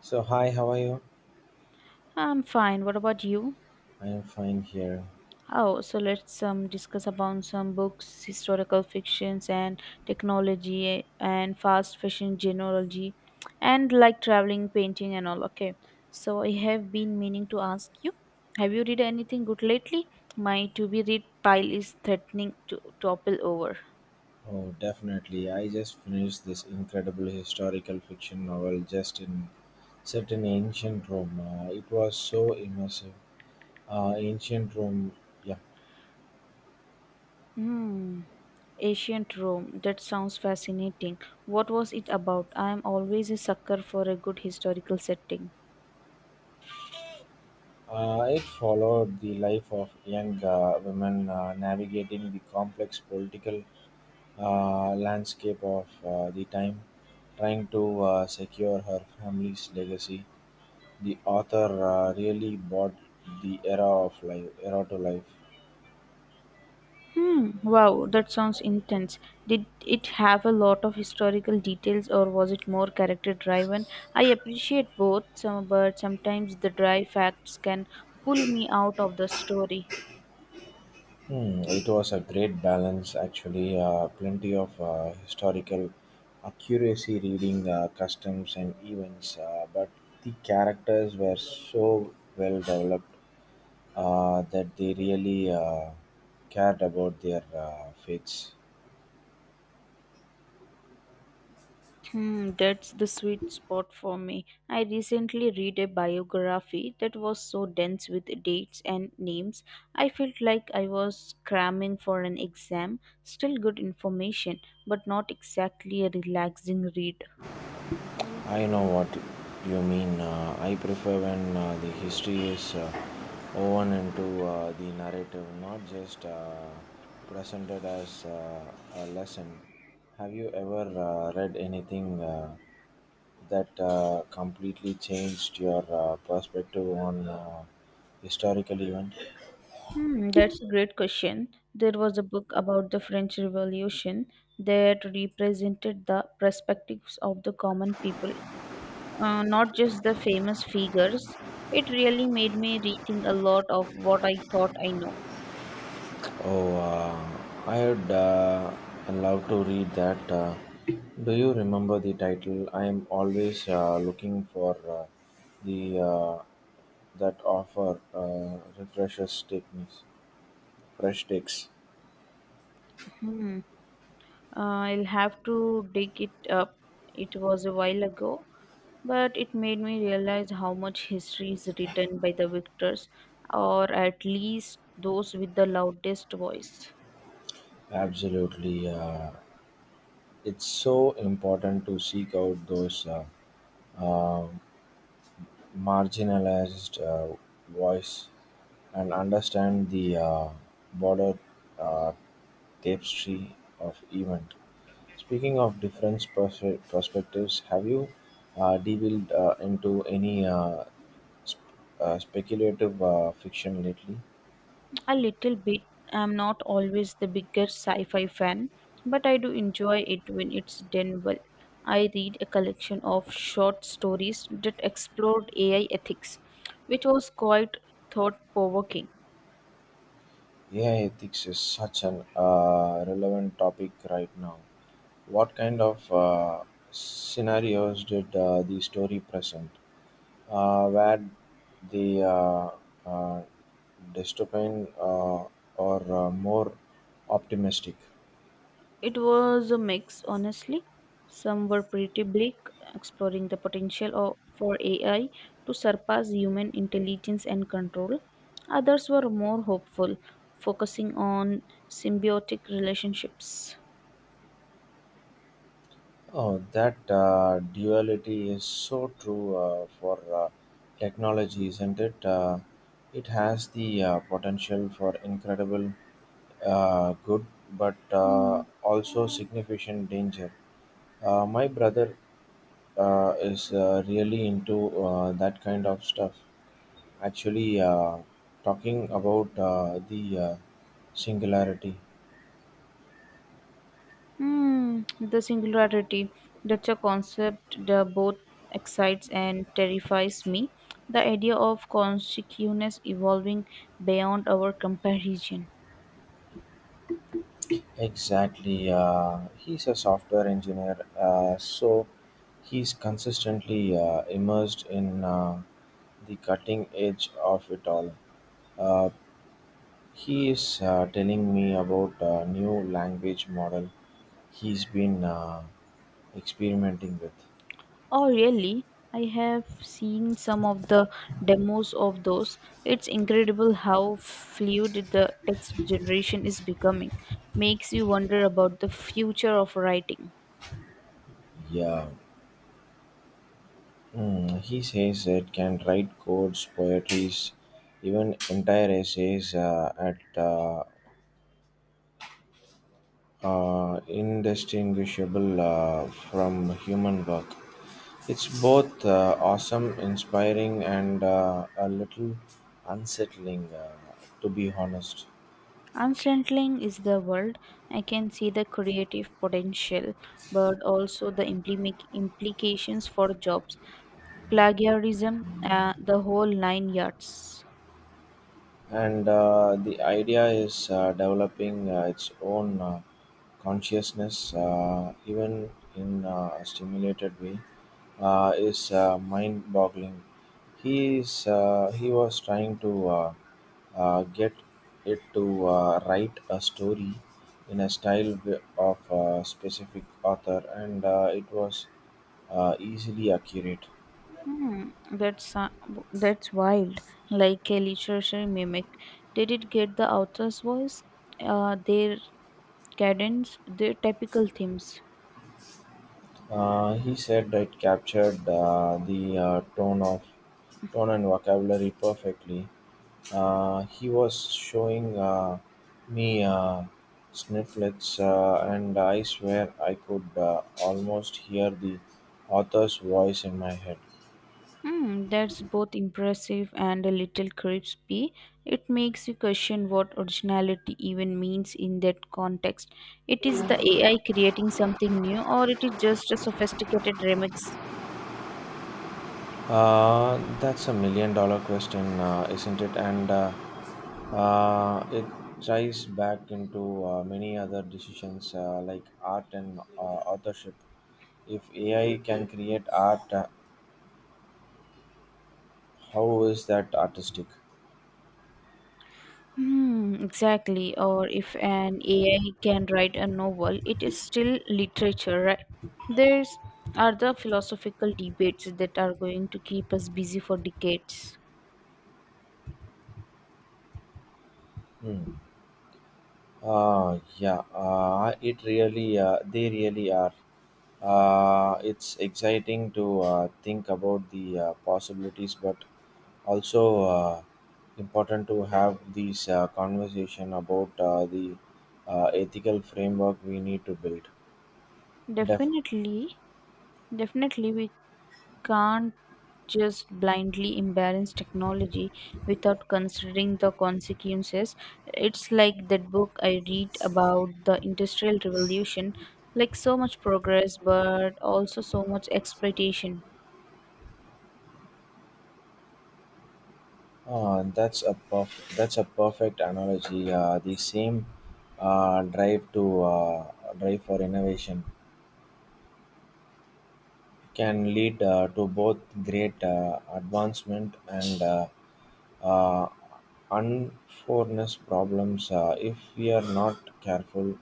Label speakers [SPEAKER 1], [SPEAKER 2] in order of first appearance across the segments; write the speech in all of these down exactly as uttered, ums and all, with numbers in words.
[SPEAKER 1] So, hi, how are you?
[SPEAKER 2] I'm fine. What about you?
[SPEAKER 1] I am fine here.
[SPEAKER 2] Oh, so let's um, discuss about some books, historical fictions, and technology, eh, and fast fashion genealogy, and like traveling, painting, and all. Okay. So I have been meaning to ask you, have you read anything good lately? My to-be read pile is threatening to topple over.
[SPEAKER 1] Oh, definitely. I just finished this incredible historical fiction novel just in set in ancient Rome. Uh, it was so immersive. Uh, ancient Rome, yeah.
[SPEAKER 2] Hmm. Ancient Rome. That sounds fascinating. What was it about? I am always a sucker for a good historical setting.
[SPEAKER 1] Uh, it followed the life of young uh, women uh, navigating the complex political uh, landscape of uh, the time, trying to uh, secure her family's legacy. The author uh, really brought the era of life, era to life.
[SPEAKER 2] Hmm. Wow, that sounds intense. Did it have a lot of historical details or was it more character driven? I appreciate both, some, but sometimes the dry facts can pull me out of the story.
[SPEAKER 1] Hmm, it was a great balance, actually. Uh, plenty of uh, historical accuracy, reading uh, customs and events, uh, but the characters were so well developed uh, that they really uh, cared about their uh, fates.
[SPEAKER 2] Hmm, that's the sweet spot for me. I recently read a biography that was so dense with dates and names. I felt like I was cramming for an exam. Still good information, but not exactly a relaxing read.
[SPEAKER 1] I know what you mean. Uh, I prefer when uh, the history is uh, woven into uh, the narrative, not just uh, presented as uh, a lesson. Have you ever uh, read anything uh, that uh, completely changed your uh, perspective on uh, historical event?
[SPEAKER 2] Hmm, that's a great question. There was a book about the French Revolution that represented the perspectives of the common people, uh, not just the famous figures. It really made me rethink a lot of what I thought I know.
[SPEAKER 1] Oh, uh, I'd uh, I love to read that. Uh, do you remember the title? I am always uh, looking for uh, the uh, that offer uh, refreshes techniques, fresh takes.
[SPEAKER 2] Hmm. I'll have to dig it up. It was a while ago, but it made me realize how much history is written by the victors, or at least those with the loudest voice.
[SPEAKER 1] Absolutely, uh, it's so important to seek out those uh, um marginalized uh, voice and understand the uh, broader uh, tapestry of event. Speaking of different perspe- perspectives, have you uh, delved uh, into any uh, sp- uh, speculative uh, fiction lately?
[SPEAKER 2] A little bit. I'm not always the biggest sci fi fan, but I do enjoy it when it's done well. I read a collection of short stories that explored A I ethics, which was quite thought provoking.
[SPEAKER 1] A I ethics is such an uh, relevant topic right now. What kind of uh, scenarios did uh, the story present? uh, where the uh, uh, dystopian uh, are uh, more optimistic.
[SPEAKER 2] It was a mix, honestly. Some were pretty bleak, exploring the potential of, for A I to surpass human intelligence and control. Others were more hopeful, focusing on symbiotic relationships.
[SPEAKER 1] Oh, that uh, duality is so true uh, for uh, technology, isn't it? Uh, it has the uh, potential for incredible uh, good, but uh,
[SPEAKER 2] Hmm.
[SPEAKER 1] also significant danger. Uh, my brother uh, is uh, really into uh, that kind of stuff. Actually, uh, talking about uh, the uh, singularity.
[SPEAKER 2] Hmm, the singularity. That's a concept that both excites and terrifies me. The idea of consciousness evolving beyond our comparison.
[SPEAKER 1] Exactly. Uh, he's a software engineer, uh, so he's consistently uh, immersed in uh, the cutting edge of it all. Uh, he is uh, telling me about a new language model he's been uh, experimenting with.
[SPEAKER 2] Oh, really? I have seen some of the demos of those. It's incredible how fluid the text generation is becoming. Makes you wonder about the future of writing.
[SPEAKER 1] Yeah, mm, he says it can write codes, poetries, even entire essays uh, at uh, uh, indistinguishable uh, from human work. It's both uh, awesome, inspiring, and uh, a little unsettling, uh, to be honest.
[SPEAKER 2] Unsettling is the world. I can see the creative potential, but also the implic implications for jobs, plagiarism, uh, the whole nine yards.
[SPEAKER 1] And uh, the idea is uh, developing uh, its own uh, consciousness, uh, even in uh, a stimulated way, uh, is uh, mind-boggling. He is uh, he was trying to uh, uh, get it to uh, write a story in a style wi- of a specific author, and uh, it was uh, easily accurate.
[SPEAKER 2] Hmm, that's uh, w- that's wild. Like a literature mimic. Did it get the author's voice? Uh, their cadence, their typical themes.
[SPEAKER 1] Uh, he said it captured uh, the uh, tone of tone and vocabulary perfectly. Uh, he was showing uh, me uh, snippets, uh, and I swear I could uh, almost hear the author's voice in my head.
[SPEAKER 2] Hmm, that's both impressive and a little creepy. It makes you question what originality even means in that context. It is the A I creating something new, or it is just a sophisticated remix?
[SPEAKER 1] Uh, that's a million dollar question, uh, isn't it? And uh, uh, it ties back into uh, many other decisions uh, like art and uh, authorship. If A I can create art, uh, how is that artistic?
[SPEAKER 2] Hmm, exactly. Or if an A I can write a novel, it is still literature, right? There's are the philosophical debates that are going to keep us busy for decades.
[SPEAKER 1] Hmm. Uh, yeah, uh, it really, uh, they really are. Uh, it's exciting to uh, think about the uh, possibilities, but also uh, important to have these uh, conversation about uh, the uh, ethical framework we need to build. Def-
[SPEAKER 2] Definitely, definitely, we can't just blindly embrace technology without considering the consequences. It's like that book I read about the Industrial Revolution, like so much progress, but also so much exploitation.
[SPEAKER 1] uh, that's a perf- that's a perfect analogy. Uh, the same uh, drive to uh, drive for innovation can lead uh, to both great uh, advancement and uh, uh, unfairness problems uh, if we are not careful.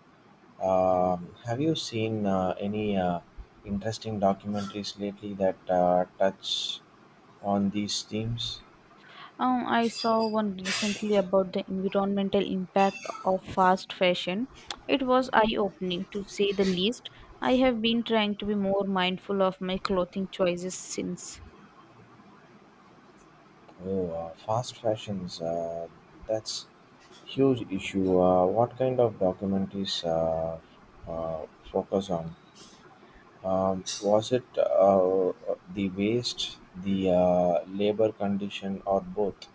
[SPEAKER 1] Um, have you seen uh, any uh, interesting documentaries lately that uh, touch on these themes?
[SPEAKER 2] Um, I saw one recently about the environmental impact of fast fashion. It was eye opening to say the least. I have been trying to be more mindful of my clothing choices since.
[SPEAKER 1] Oh, uh, fast fashions. Uh, that's huge issue. Uh, what kind of documentaries uh, uh, focus on? Um, was it uh, the waste, the uh, labor condition, or both?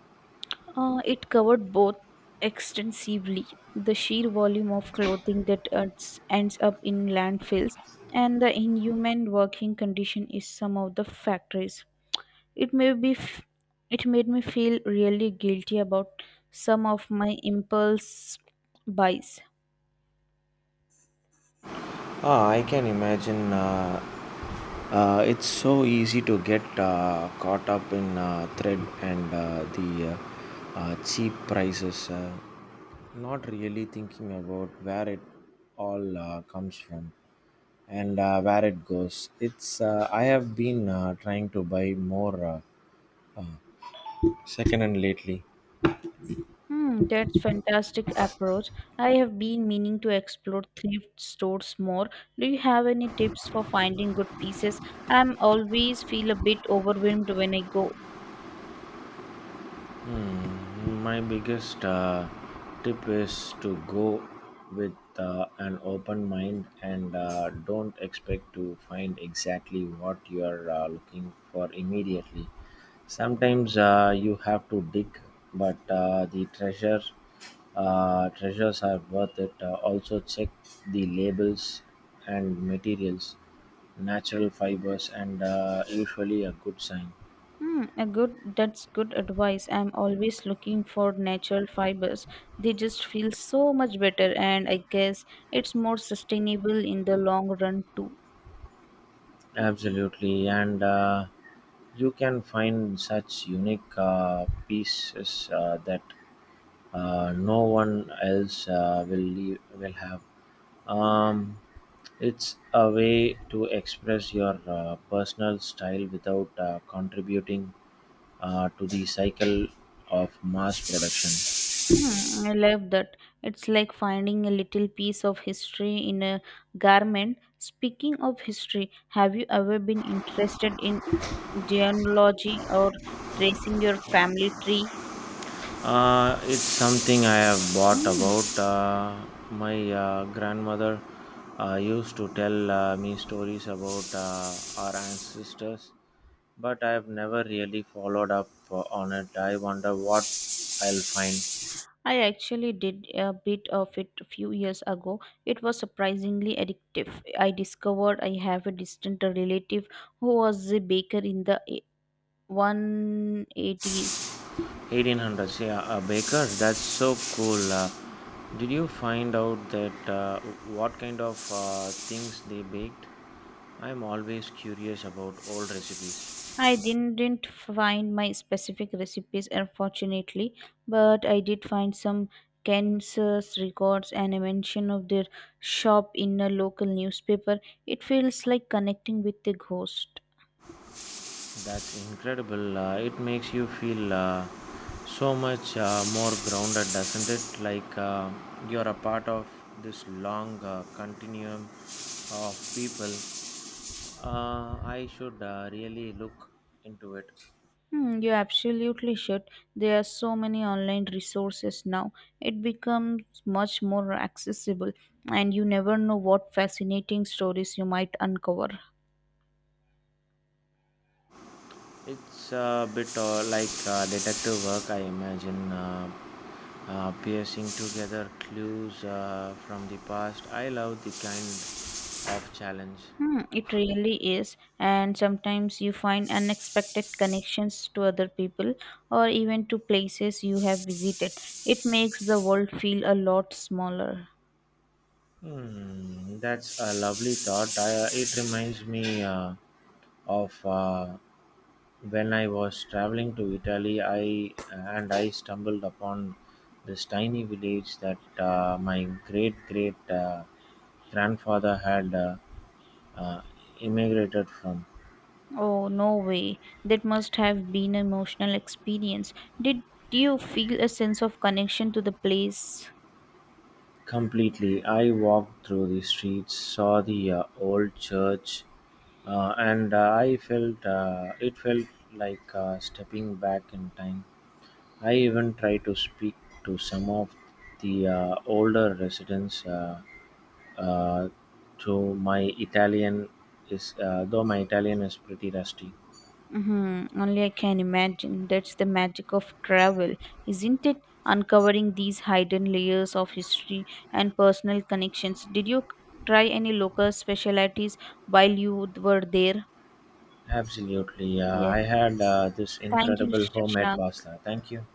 [SPEAKER 2] Uh, it covered both extensively the sheer volume of clothing that ends ends up in landfills and the inhuman working condition in some of the factories. It may be f- It made me feel really guilty about some of my impulse buys.
[SPEAKER 1] Ah, I can imagine. Uh, uh, it's so easy to get uh, caught up in uh, thread and uh, the uh, uh, cheap prices. Uh, not really thinking about where it all uh, comes from and uh, where it goes. It's uh, I have been uh, trying to buy more uh, secondhand lately.
[SPEAKER 2] Hmm, that's fantastic approach. I have been meaning to explore thrift stores more. Do you have any tips for finding good pieces? I'm always feel a bit overwhelmed when I go.
[SPEAKER 1] Hmm, my biggest uh, tip is to go with uh, an open mind and uh, don't expect to find exactly what you are uh, looking for immediately. Sometimes uh, you have to dig, but uh, the treasure uh, treasures are worth it. Uh, also check the labels and materials, natural fibers, and uh, usually a good sign.
[SPEAKER 2] Hmm, a good That's good advice. I'm always looking for natural fibers. They just feel so much better and I guess it's more sustainable in the long run too.
[SPEAKER 1] Absolutely, and. Uh, You can find such unique uh, pieces uh, that uh, no one else uh, will leave, will have. Um, it's a way to express your uh, personal style without uh, contributing uh, to the cycle of mass production.
[SPEAKER 2] Hmm, I love that. It's like finding a little piece of history in a garment. Speaking of history, have you ever been interested in genealogy or tracing your family tree?
[SPEAKER 1] Uh, it's something I have bought
[SPEAKER 2] Mm,
[SPEAKER 1] about. Uh, my uh, grandmother uh, used to tell uh, me stories about uh, our ancestors, but I have never really followed up uh, on it. I wonder what I'll find.
[SPEAKER 2] I actually did a bit of it a few years ago. It was surprisingly addictive. I discovered I have a distant relative who was a baker in the one eighties.
[SPEAKER 1] eighteen hundreds, yeah, uh, bakers, that's so cool. Uh, did you find out that uh, what kind of uh, things they baked? I'm always curious about old recipes.
[SPEAKER 2] I didn't find my specific recipes, unfortunately, but I did find some Kansas records and a mention of their shop in a local newspaper. It feels like connecting with the ghost.
[SPEAKER 1] That's incredible. Uh, it makes you feel uh, so much uh, more grounded, doesn't it? Like uh, you're a part of this long uh, continuum of people. Uh, I should uh, really look into it.
[SPEAKER 2] Hmm, you absolutely should. There are so many online resources now. It becomes much more accessible, and you never know what fascinating stories you might uncover.
[SPEAKER 1] It's a bit uh, like uh, detective work, I imagine. Uh, uh, piercing together clues uh, from the past. I love the kind of challenge.
[SPEAKER 2] Hmm, it really is, and sometimes you find unexpected connections to other people or even to places you have visited. It makes the world feel a lot smaller.
[SPEAKER 1] Hmm, that's a lovely thought. I, uh, it reminds me uh, of uh, when I was traveling to Italy. I and I stumbled upon this tiny village that uh, my great great uh, grandfather had uh, uh, immigrated from.
[SPEAKER 2] Oh, no way. That must have been an emotional experience. Did you feel a sense of connection to the place?
[SPEAKER 1] Completely, I walked through the streets, saw the uh, old church, uh, and uh, I felt uh, it felt like uh, stepping back in time. I even try to speak to some of the uh, older residents, uh, uh, to my Italian is uh, though my Italian is pretty rusty.
[SPEAKER 2] Mm-hmm. Only I can imagine. That's the magic of travel, isn't it? Uncovering these hidden layers of history and personal connections. Did you try any local specialties while you were there?
[SPEAKER 1] Absolutely, uh,
[SPEAKER 2] Yeah.
[SPEAKER 1] I had uh, this
[SPEAKER 2] Thank you,
[SPEAKER 1] incredible homemade
[SPEAKER 2] Shashank.
[SPEAKER 1] pasta. Thank you.